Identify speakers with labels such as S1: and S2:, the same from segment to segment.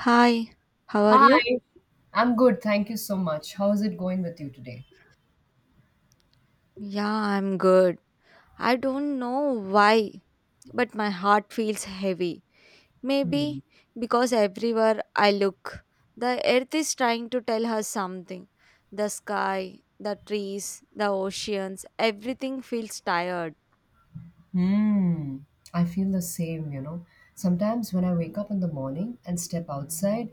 S1: Hi, how are you?
S2: Hi, I'm good. Thank you so much. How's it going with you today?
S1: Yeah, I'm good. I don't know why, but my heart feels heavy. Maybe because everywhere I look, the earth is trying to tell her something. The sky, the trees, the oceans, everything feels tired.
S2: Hmm, I feel the same. Sometimes when I wake up in the morning and step outside,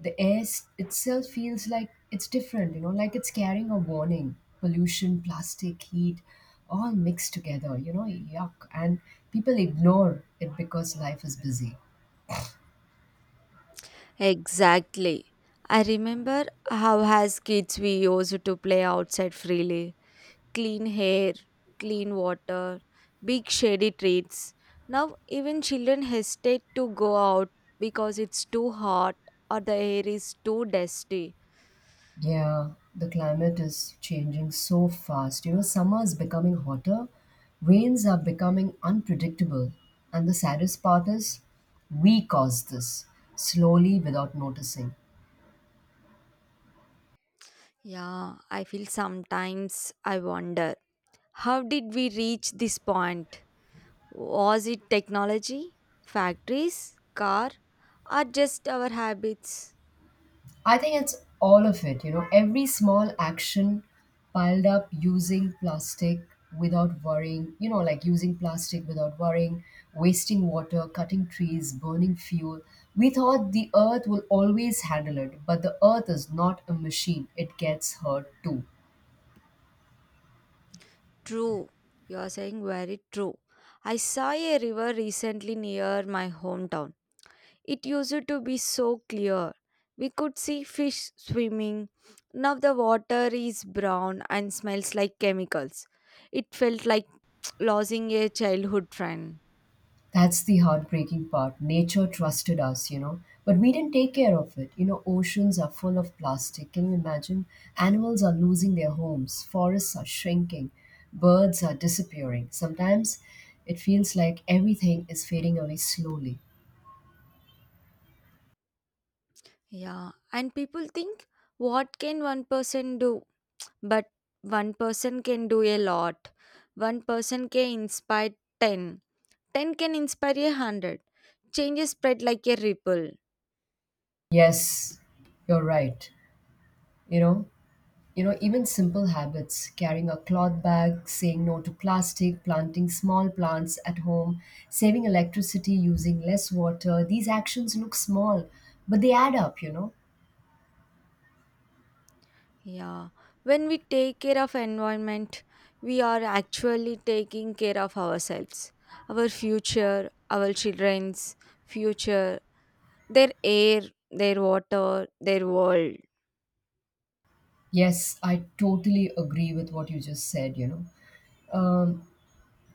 S2: the air itself feels like it's different, like it's carrying a warning. Pollution, plastic, heat, all mixed together, yuck. And people ignore it because life is busy.
S1: Exactly. I remember how as kids we used to play outside freely, clean hair, clean water, big shady trees. Now, even children hesitate to go out because it's too hot or the air is too dusty.
S2: Yeah, the climate is changing so fast. Summer is becoming hotter, rains are becoming unpredictable, and the saddest part is we cause this slowly without noticing.
S1: Yeah, I feel sometimes I wonder, how did we reach this point? Was it technology, factories, car, or just our habits?
S2: I think it's all of it, every small action piled up using plastic without worrying, like using plastic without worrying, wasting water, cutting trees, burning fuel. We thought the earth will always handle it, but the earth is not a machine, it gets hurt too.
S1: True, you are saying very true. I saw a river recently near my hometown. It used to be so clear. We could see fish swimming. Now the water is brown and smells like chemicals. It felt like losing a childhood friend.
S2: That's the heartbreaking part. Nature trusted us, but we didn't take care of it. Oceans are full of plastic. Can you imagine? Animals are losing their homes, forests are shrinking, birds are disappearing. Sometimes it feels like everything is fading away slowly.
S1: Yeah, and people think, what can one person do? But one person can do a lot. One person can inspire 10. 10 can inspire a 100. Changes spread like a ripple.
S2: Yes, you're right. You know, even simple habits, carrying a cloth bag, saying no to plastic, planting small plants at home, saving electricity, using less water, these actions look small, but they add up.
S1: Yeah, when we take care of environment, we are actually taking care of ourselves, our future, our children's future, their air, their water, their world.
S2: Yes, I totally agree with what you just said. Um,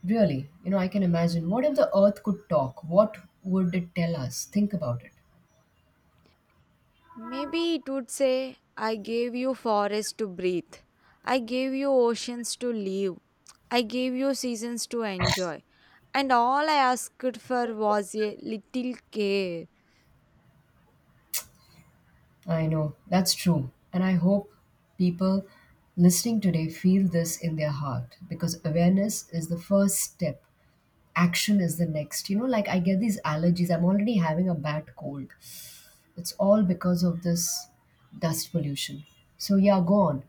S2: really, I can imagine, what if the earth could talk? What would it tell us? Think about it.
S1: Maybe it would say, I gave you forests to breathe. I gave you oceans to live. I gave you seasons to enjoy. And all I asked for was a little care.
S2: I know, that's true. And I hope people listening today feel this in their heart, because awareness is the first step, action is the next. like, I get these allergies, I'm already having a bad cold. It's all because of this dust pollution. So yeah, go on.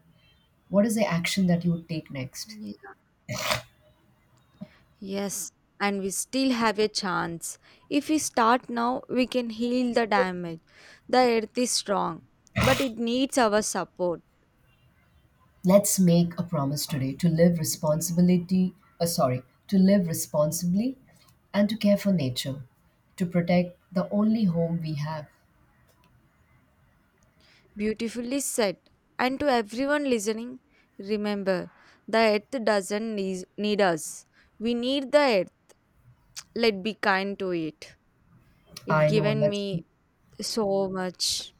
S2: What is the action that you would take next?
S1: Yes, and we still have a chance. If we start now, we can heal the damage. The earth is strong, but it needs our support.
S2: Let's make a promise today to live responsibility, sorry, to live responsibly, and to care for nature, to protect the only home we have.
S1: Beautifully said. And to everyone listening, remember the earth doesn't need us. We need the earth. Let be kind to it. It
S2: i know
S1: given
S2: let's be
S1: me so much.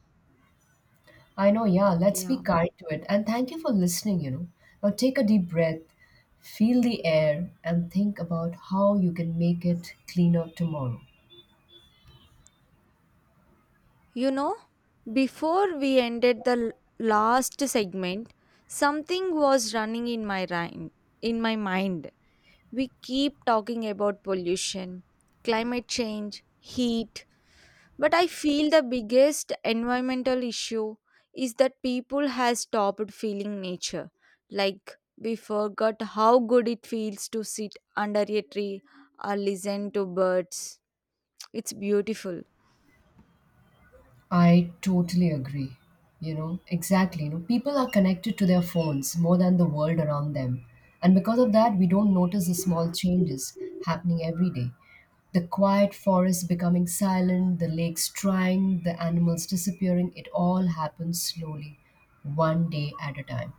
S2: I know, yeah, let's be
S1: Yeah.
S2: kind to it. And thank you for listening. Now take a deep breath, feel the air, and think about how you can make it cleaner tomorrow.
S1: You know, before we ended the last segment, something was running in my mind. In my mind, we keep talking about pollution, climate change, heat, but I feel the biggest environmental issue is that people has stopped feeling nature. Like we forgot how good it feels to sit under a tree or listen to birds. It's beautiful.
S2: I totally agree. Exactly. People are connected to their phones more than the world around them. And because of that, we don't notice the small changes happening every day. The quiet forest becoming silent, the lakes drying, the animals disappearing, it all happens slowly, one day at a time.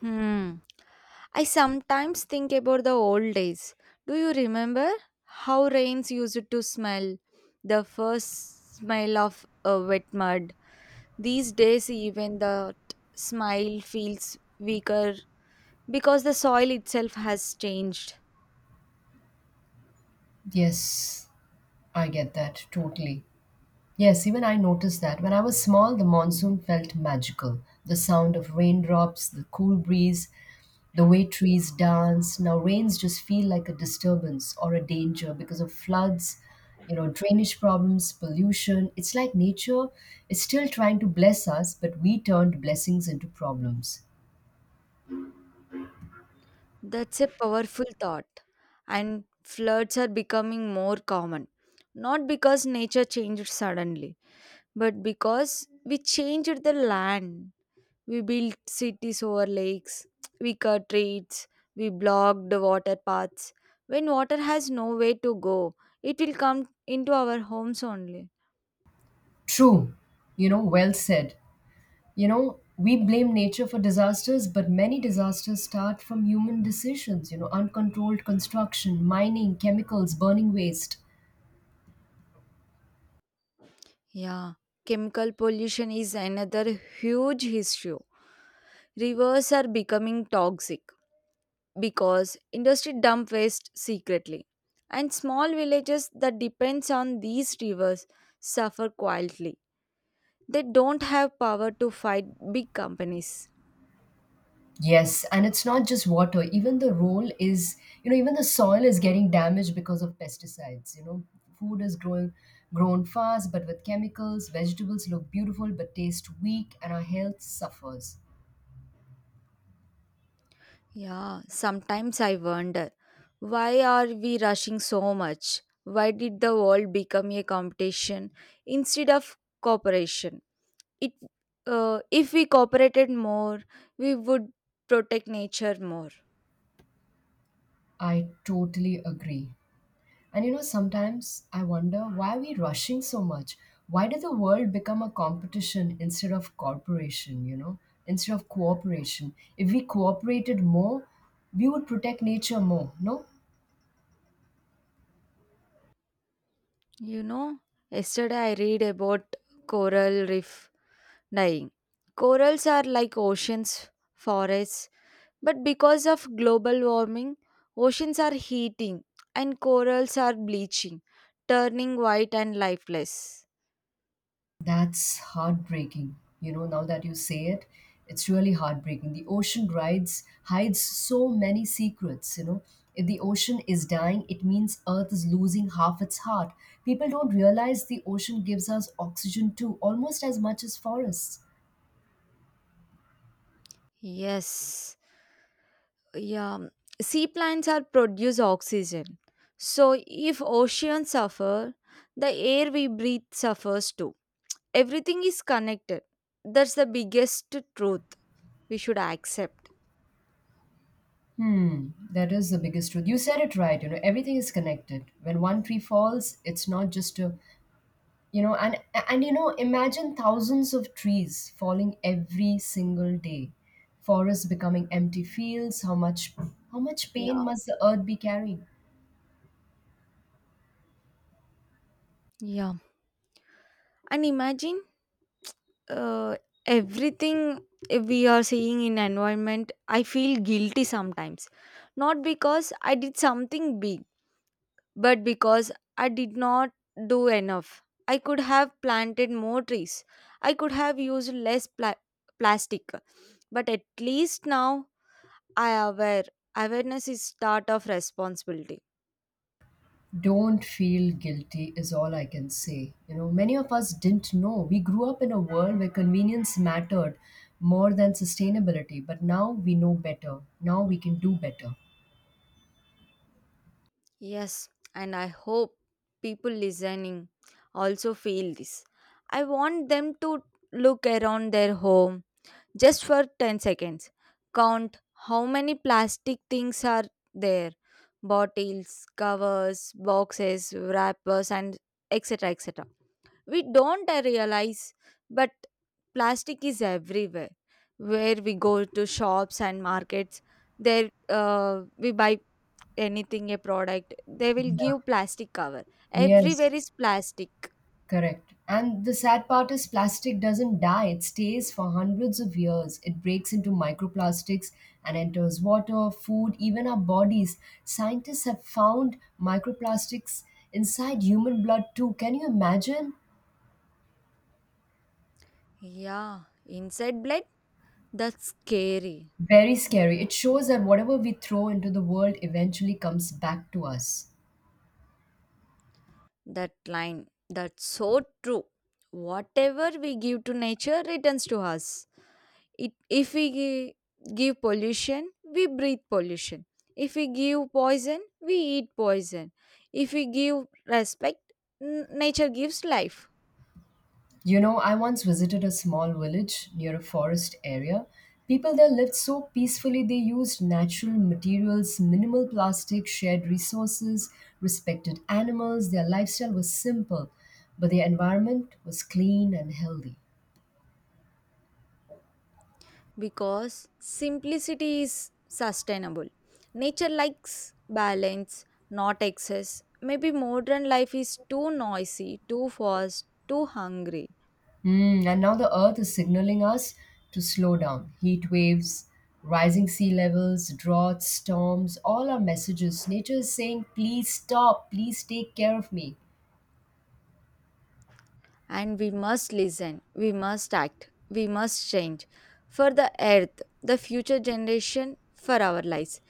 S1: Hmm. I sometimes think about the old days. Do you remember how rains used to smell? The first smell of wet mud. These days, even the smile feels weaker because the soil itself has changed.
S2: Yes, I get that totally. Yes, even I noticed that. When I was small, the monsoon felt magical. The sound of raindrops, the cool breeze, the way trees dance. Now, rains just feel like a disturbance or a danger because of floods, drainage problems, pollution. It's like nature is still trying to bless us, but we turned blessings into problems.
S1: That's a powerful thought. And floods are becoming more common. Not because nature changed suddenly, but because we changed the land. We built cities over lakes. We cut trees. We blocked the water paths. When water has nowhere to go, it will come into our homes only.
S2: True, well said. We blame nature for disasters, but many disasters start from human decisions, uncontrolled construction, mining, chemicals, burning waste.
S1: Yeah, chemical pollution is another huge issue. Rivers are becoming toxic because industry dump waste secretly. And small villages that depends on these rivers suffer quietly. They don't have power to fight big companies.
S2: Yes, and it's not just water. Even the soil is getting damaged because of pesticides. Food is grown fast, but with chemicals, vegetables look beautiful but taste weak, and our health suffers.
S1: Yeah, sometimes I wonder, why are we rushing so much? Why did the world become a competition instead of cooperation? It, if we cooperated more, we would protect nature more.
S2: I totally agree. And sometimes I wonder why we're rushing so much. Why did the world become a competition instead of corporation, instead of cooperation? If we cooperated more, we would protect nature more, no?
S1: You know, yesterday I read about coral reef dying. Corals are like oceans, forests, but because of global warming, oceans are heating and corals are bleaching, turning white and lifeless.
S2: That's heartbreaking. Now that you say it, it's really heartbreaking. The ocean rides hides so many secrets. If the ocean is dying, it means Earth is losing half its heart. People don't realize the ocean gives us oxygen too, almost as much as forests.
S1: Yes, yeah. Sea plants are produce oxygen. So if oceans suffer, the air we breathe suffers too. Everything is connected. That's the biggest truth we should accept.
S2: That is the biggest truth. You said it right, everything is connected. When one tree falls, it's not just a. you know and and imagine thousands of trees falling every single day, forests becoming empty fields. How much
S1: Yeah.
S2: pain must the earth be carrying?
S1: Yeah. And imagine uh, everything we are seeing in environment, I feel guilty sometimes, not because I did something big, but because I did not do enough. I could have planted more trees, I could have used less plastic, but at least now I aware. Awareness is start of responsibility.
S2: Don't feel guilty is all I can say. Many of us didn't know. We grew up in a world where convenience mattered more than sustainability, but now we know better. Now we can do better.
S1: Yes, and I hope people listening also feel this. I want them to look around their home just for 10 seconds. Count how many plastic things are there: bottles, covers, boxes, wrappers, and etc. etc. We don't realize, but plastic is everywhere. Where we go to shops and markets, there we buy anything, a product, they will
S2: Yeah.
S1: give plastic cover.
S2: Yes.
S1: Everywhere is plastic.
S2: Correct. And the sad part is plastic doesn't die, it stays for hundreds of years. It breaks into microplastics and enters water, food, even our bodies. Scientists have found microplastics inside human blood too. Can you imagine?
S1: Yeah, inside blood, that's scary.
S2: Very scary. It shows that whatever we throw into the world eventually comes back to us.
S1: That line, that's so true. Whatever we give to nature returns to us. If we give pollution, we breathe pollution. If we give poison, we eat poison. If we give respect, nature gives life.
S2: I once visited a small village near a forest area. People there lived so peacefully, they used natural materials, minimal plastic, shared resources, respected animals. Their lifestyle was simple, but their environment was clean and healthy.
S1: Because simplicity is sustainable. Nature likes balance, not excess. Maybe modern life is too noisy, too fast, too hungry.
S2: And now the earth is signaling us to slow down. Heat waves, rising sea levels, droughts, storms, all are messages. Nature is saying, please stop, please take care of me.
S1: And we must listen, we must act, we must change for the earth, the future generation, for our lives.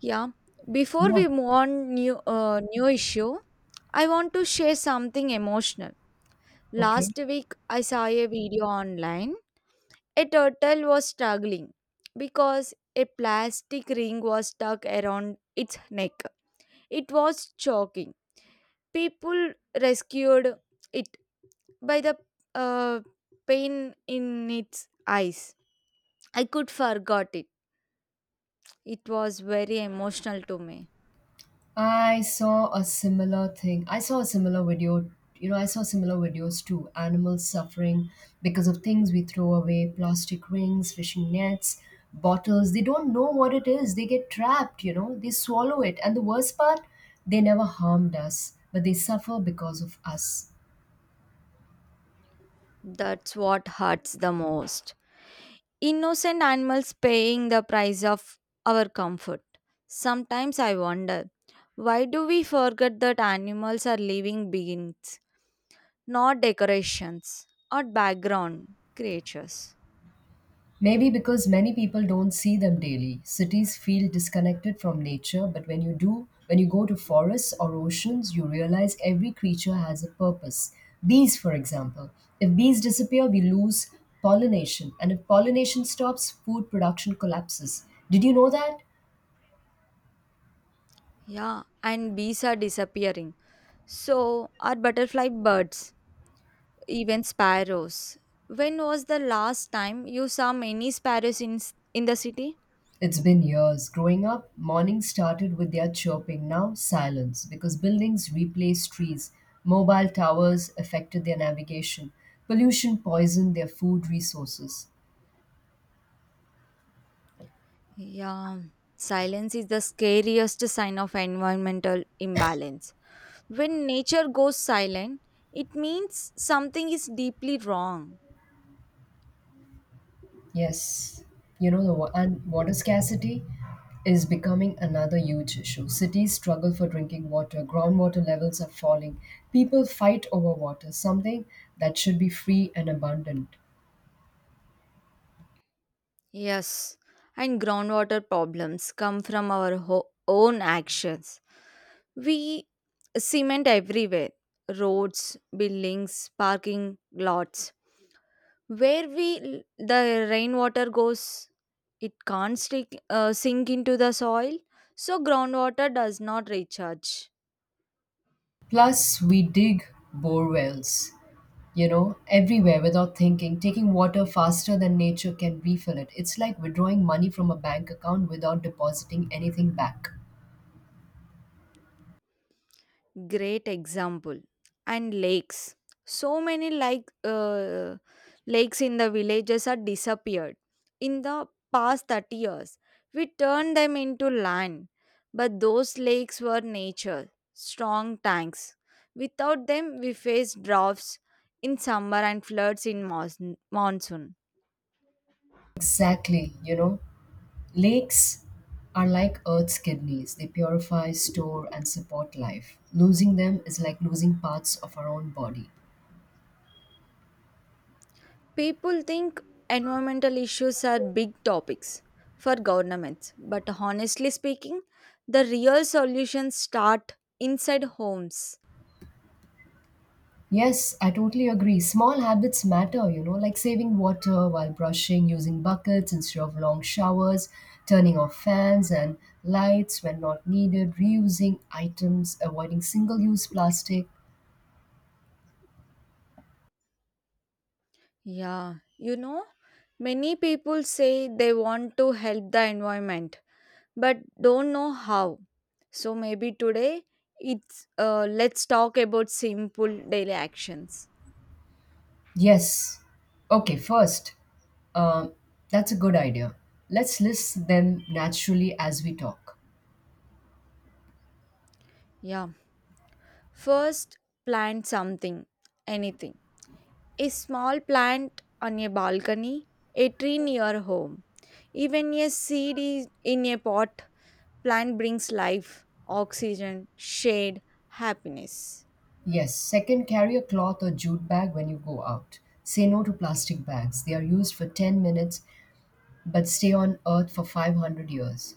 S1: Yeah. Before
S2: Yeah,
S1: we move on new new issue, I want to share something emotional.
S2: okay.
S1: Last week, I saw a video online. A turtle was struggling because a plastic ring was stuck around its neck. It was choking. People rescued it by the uh, pain in its eyes. I could forgot it. It was very emotional to me.
S2: I saw a similar thing. I saw a similar video. I saw similar videos too. Animals suffering because of things we throw away, plastic rings, fishing nets, bottles. They don't know what it is. They get trapped, they swallow it. And the worst part, they never harmed us, but they suffer because of us.
S1: That's what hurts the most. Innocent animals paying the price of our comfort. Sometimes I wonder, why do we forget that animals are living beings, not decorations or background creatures?
S2: Maybe because many people don't see them daily. Cities feel disconnected from nature, but when you do, when you go to forests or oceans, you realize every creature has a purpose. Bees, for example. If bees disappear, we lose pollination, and if pollination stops, food production collapses. Did you know that?
S1: Yeah, and bees are disappearing. So are butterfly birds, even sparrows. When was the last time you saw many sparrows in in the city?
S2: It's been years. Growing up, mornings started with their chirping, now silence, because buildings replaced trees. Mobile towers affected their navigation. Pollution poisoned their food resources.
S1: Yeah, silence is the scariest sign of environmental imbalance. When nature goes silent, it means something is deeply wrong.
S2: Yes, you know, the wa- and water scarcity is becoming another huge issue. Cities struggle for drinking water, groundwater levels are falling. People fight over water, something that should be free and abundant.
S1: Yes, and groundwater problems come from our own actions. We cement everywhere: roads, buildings, parking lots. Where we the rainwater goes, it can't stick, sink into the soil, so groundwater does not recharge.
S2: Plus, we dig bore wells, everywhere without thinking, taking water faster than nature can refill it. It's like withdrawing money from a bank account without depositing anything back.
S1: Great example. And lakes. So many like lakes in the villages are disappeared in the past 30 years. We turned them into land, but those lakes were nature, strong tanks. Without them, we face droughts in summer and floods in monsoon.
S2: Exactly, lakes are like Earth's kidneys. They purify, store, and support life. Losing them is like losing parts of our own body.
S1: People think environmental issues are big topics for governments, but honestly speaking, the real solutions start inside homes.
S2: Yes, I totally agree. Small habits matter, like saving water while brushing, using buckets instead of long showers, turning off fans and lights when not needed, reusing items, avoiding single use plastic.
S1: Yeah, you know, many people say they want to help the environment but don't know how. So maybe today it's let's talk about simple daily actions.
S2: Yes. Okay, first, um, that's a good idea. Let's list them naturally as we talk.
S1: Yeah, first, plant something, anything. A small plant on a balcony, a tree near home. Even a seed is in a pot. Plant brings life, oxygen, shade, happiness.
S2: Yes. Second, carry a cloth or jute bag when you go out. Say no to plastic bags. They are used for 10 minutes but stay on Earth for 500 years.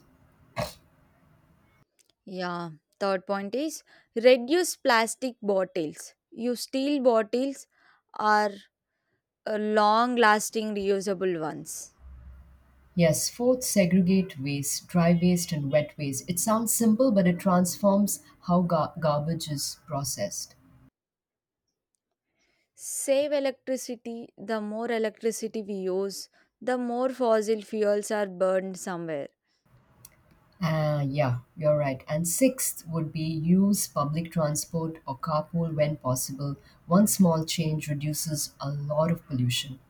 S1: Yeah. Third point is reduce plastic bottles. Use steel bottles or long lasting reusable ones.
S2: Yes, fourth, segregate waste, dry waste and wet waste. It sounds simple, but it transforms how garbage is processed.
S1: Save electricity. The more electricity we use, the more fossil fuels are burned somewhere.
S2: Yeah, you're right. And sixth would be use public transport or carpool when possible. One small change reduces a lot of pollution.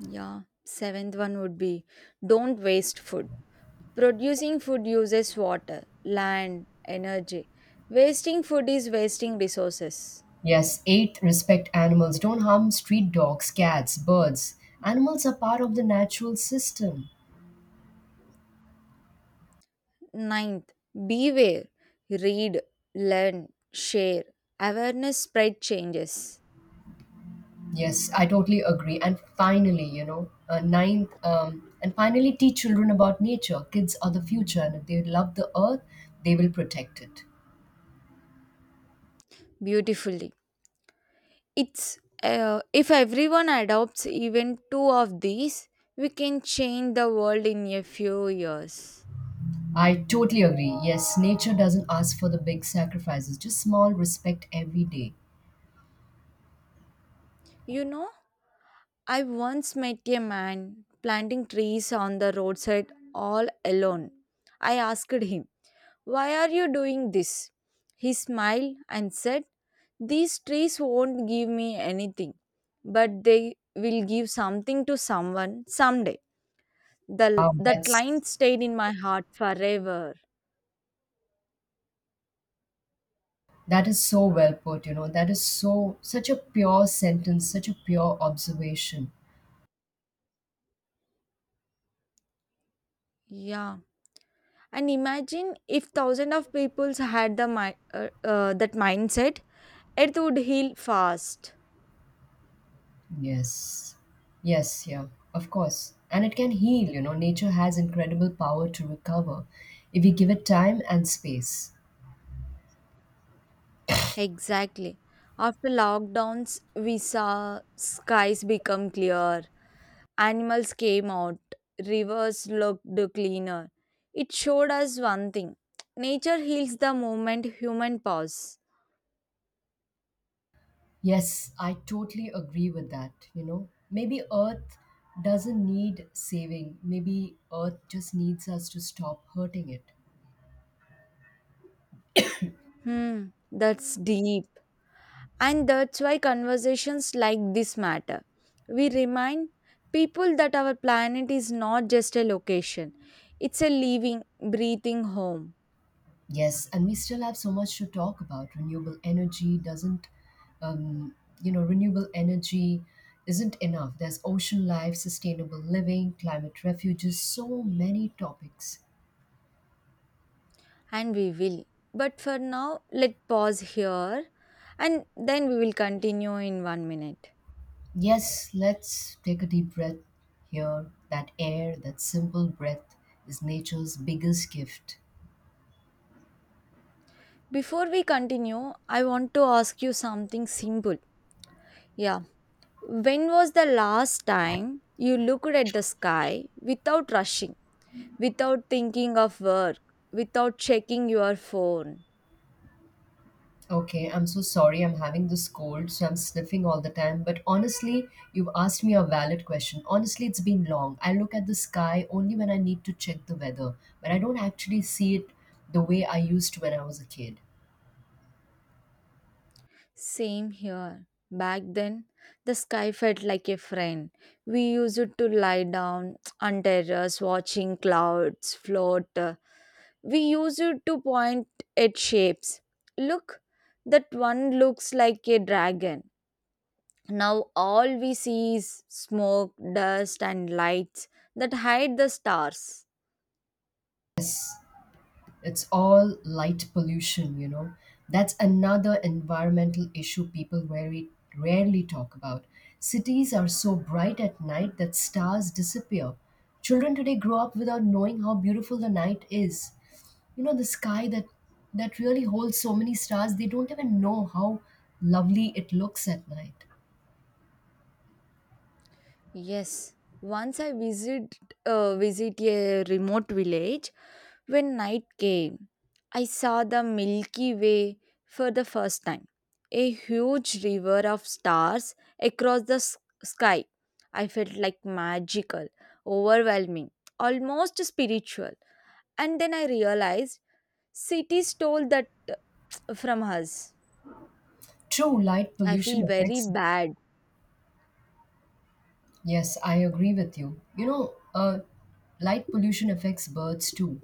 S1: Yeah, seventh one would be don't waste food. Producing food uses water, land, energy. Wasting food is wasting resources.
S2: Yes, eighth, respect animals. Don't harm street dogs, cats, birds. Animals are part of the natural system.
S1: Ninth, beware, read, learn, share. Awareness spread changes
S2: Yes, I totally agree. And finally, ninth, teach children about nature. Kids are the future, and if they love the earth, they will protect it.
S1: beautifully. It's If everyone adopts even two of these, we can change the world in a few years.
S2: I totally agree. Yes, nature doesn't ask for the big sacrifices, just small respect every day.
S1: You know? I once met a man planting trees on the roadside all alone. I asked him, why are you doing this? He smiled and said, these trees won't give me anything, but they will give something to someone someday.
S2: Wow,
S1: That
S2: that's
S1: line stayed in my heart forever.
S2: that is so well put. That is such a pure sentence, such a pure observation.
S1: Yeah. And imagine if thousands of people had that mindset, it would heal fast.
S2: Yes. Yes, yeah, of course. And it can heal. Nature has incredible power to recover if we give it time and space.
S1: Exactly. After lockdowns, we saw skies become clear, animals came out, rivers looked cleaner. It showed us one thing: nature heals the moment human pause.
S2: Yes, I totally agree with that. Maybe Earth doesn't need saving. Maybe Earth just needs us to stop hurting it.
S1: Hmm, that's deep. And that's why conversations like this matter. We remind people that our planet is not just a location, it's a living, breathing home.
S2: Yes, and we still have so much to talk about. Renewable energy doesn't, um, renewable energy isn't enough. There's ocean life, sustainable living, climate refuges, so many topics.
S1: And we will. But for now, let pause here and then we will continue in 1 minute.
S2: Yes, let's take a deep breath here. That air, that simple breath, is nature's biggest gift.
S1: Before we continue, I want to ask you something simple. Yeah. When was the last time you looked at the sky without rushing, without thinking of work, without checking your phone?
S2: Okay, I'm so sorry. I'm having this cold, so I'm sniffing all the time. But honestly, you've asked me a valid question. Honestly, it's been long. I look at the sky only when I need to check the weather, but I don't actually see it the way I used to when I was a kid.
S1: Same here. Back then, the sky felt like a friend. We used to lie down on terrace watching clouds float we use it to point at shapes. Look, that one looks like a dragon. Now all we see is smoke, dust, and lights that hide the stars.
S2: Yes. It's all light pollution. That's another environmental issue people very rarely talk about. Cities are so bright at night that stars disappear. Children today grow up without knowing how beautiful the night is. The sky that really holds so many stars, they don't even know how lovely it looks at night.
S1: Yes, once I visit a remote village. When night came, I saw the Milky Way for the first time, a huge river of stars across the sky. I felt like magical, overwhelming, almost spiritual. And then I realized city stole that from us.
S2: True, light
S1: I
S2: pollution
S1: feel very
S2: affects.
S1: bad.
S2: Yes, I agree with you. Light pollution affects birds too.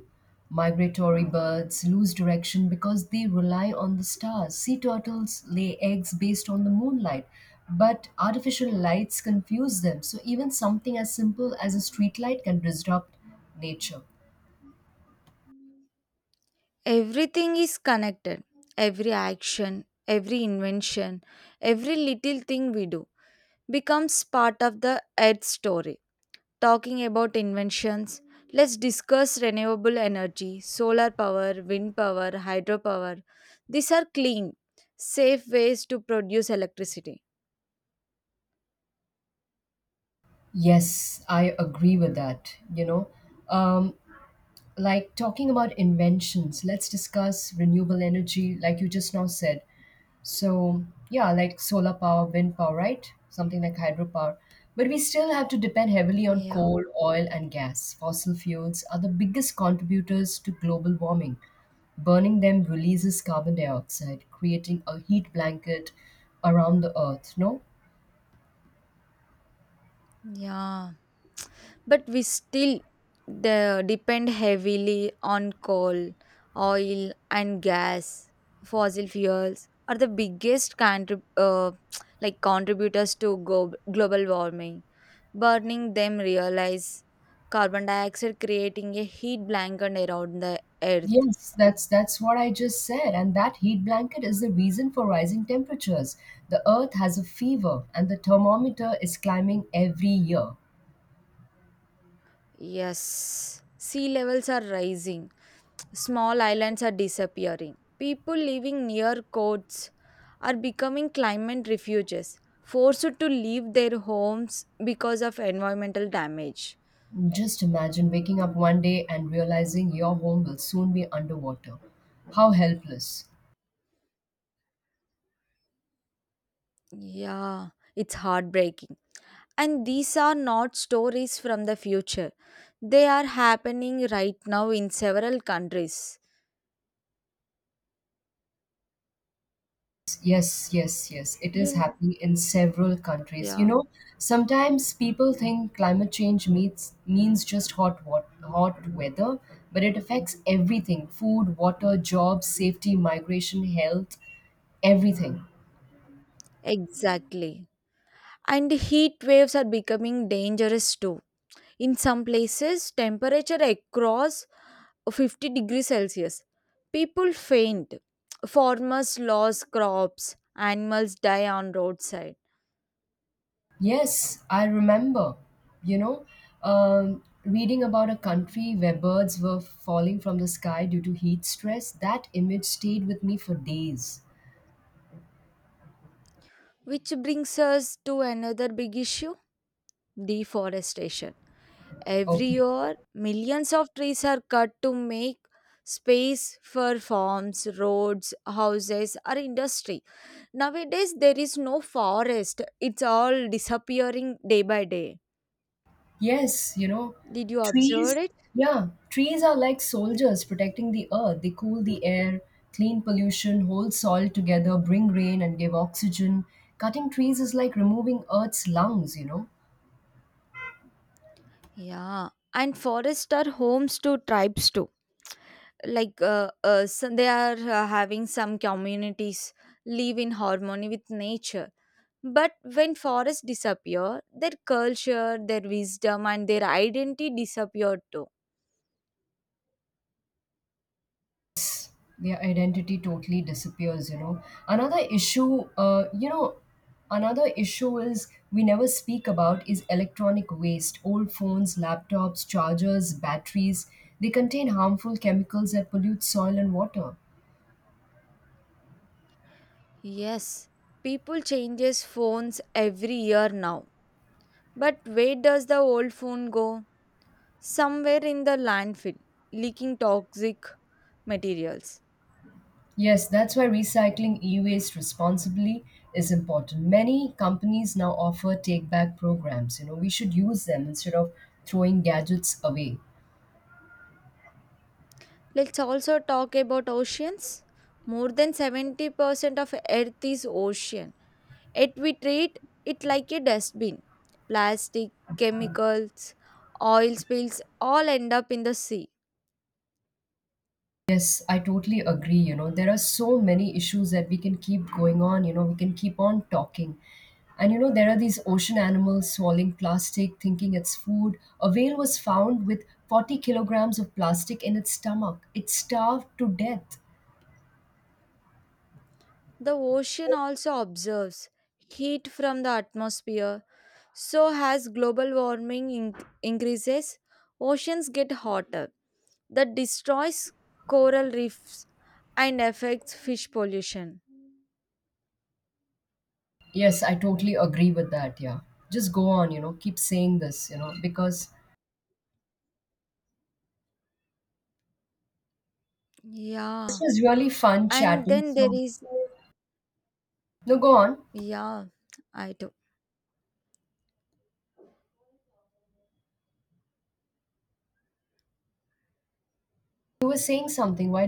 S2: Migratory birds lose direction because they rely on the stars. Sea turtles lay eggs based on the moonlight, but artificial lights confuse them. So even something as simple as a street light can disrupt nature.
S1: Everything is connected. Every action, every invention, every little thing we do becomes part of the Earth story. Talking about inventions, let's discuss renewable energy, solar power, wind power, hydropower. These are clean, safe ways to produce electricity.
S2: Yes, I agree with that. Um, like, talking about inventions, let's discuss renewable energy, like you just now said. So, yeah, like solar power, wind power, right? Something like hydropower. But we still have to depend heavily on
S1: Yeah,
S2: coal, oil, and gas. Fossil fuels are the biggest contributors to global warming. Burning them releases carbon dioxide, creating a heat blanket around the earth, no?
S1: yeah. But we still depend heavily on coal, oil, and gas. Fossil fuels are the biggest like contributors to global warming. Burning them realize carbon dioxide, creating a heat blanket around the earth.
S2: Yes, that's what I just said. And that heat blanket is the reason for rising temperatures. The earth has a fever and the thermometer is climbing every year.
S1: Yes, sea levels are rising, small islands are disappearing, people living near coasts are becoming climate refuges, forced to leave their homes because of environmental damage.
S2: Just imagine waking up one day and realizing your home will soon be underwater. How helpless.
S1: Yeah, it's heartbreaking, and these are not stories from the future, they are happening right now in several countries.
S2: Yes, yes, yes. It is
S1: You,
S2: happening in several countries.
S1: yeah,
S2: Sometimes people think climate change means just hot weather, but it affects everything: food, water, jobs, safety, migration, health, everything.
S1: exactly. And heat waves are becoming dangerous too. In some places, temperature across 50 degrees Celsius. People faint. Farmers lose crops. Animals die on roadside.
S2: Yes, I remember, you know, reading about a country where birds were falling from the sky due to heat stress. That image stayed with me for days.
S1: Which brings us to another big issue, deforestation. Every
S2: Okay.
S1: year, millions of trees are cut to make space for farms, roads, houses, or industry. Nowadays, there is no forest. It's all disappearing day by day.
S2: Yes,
S1: Did you observe
S2: trees,
S1: it?
S2: yeah, trees are like soldiers protecting the earth. They cool the air, clean pollution, hold soil together, bring rain, and give oxygen. Cutting trees is like removing earth's lungs.
S1: Yeah. And forests are homes to tribes too. Like so they are having some communities live in harmony with nature. But when forests disappear, their culture, their wisdom, and their identity disappear too.
S2: Their identity totally disappears. another issue uh, you know another issue is, we never speak about, is electronic waste, old phones, laptops, chargers, batteries. They contain harmful chemicals that pollute soil and water.
S1: Yes, people changes phones every year now. But where does the old phone go? Somewhere in the landfill, leaking toxic materials.
S2: Yes, that's why recycling e waste responsibly is important. Many companies now offer take back programs. We should use them instead of throwing gadgets away.
S1: Let's also talk about oceans. More than 70% of Earth is ocean, yet we treat it like a dustbin. Plastic, chemicals, oil spills all end up in the sea.
S2: Yes, I totally agree. There are so many issues that we can keep going on. We can keep on talking. And, there are these ocean animals swallowing plastic, thinking it's food. A whale was found with 40 kilograms of plastic in its stomach. It starved to death.
S1: The ocean also absorbs heat from the atmosphere. So, as global warming increases, oceans get hotter, that destroys coral reefs and affects fish pollution.
S2: Yes, I totally agree with that. Yeah. Just go on, keep saying this, because this
S1: Yeah.
S2: was really fun
S1: And
S2: chatting.
S1: then there
S2: So,
S1: is,
S2: no, go on.
S1: yeah, I
S2: You were saying something. Why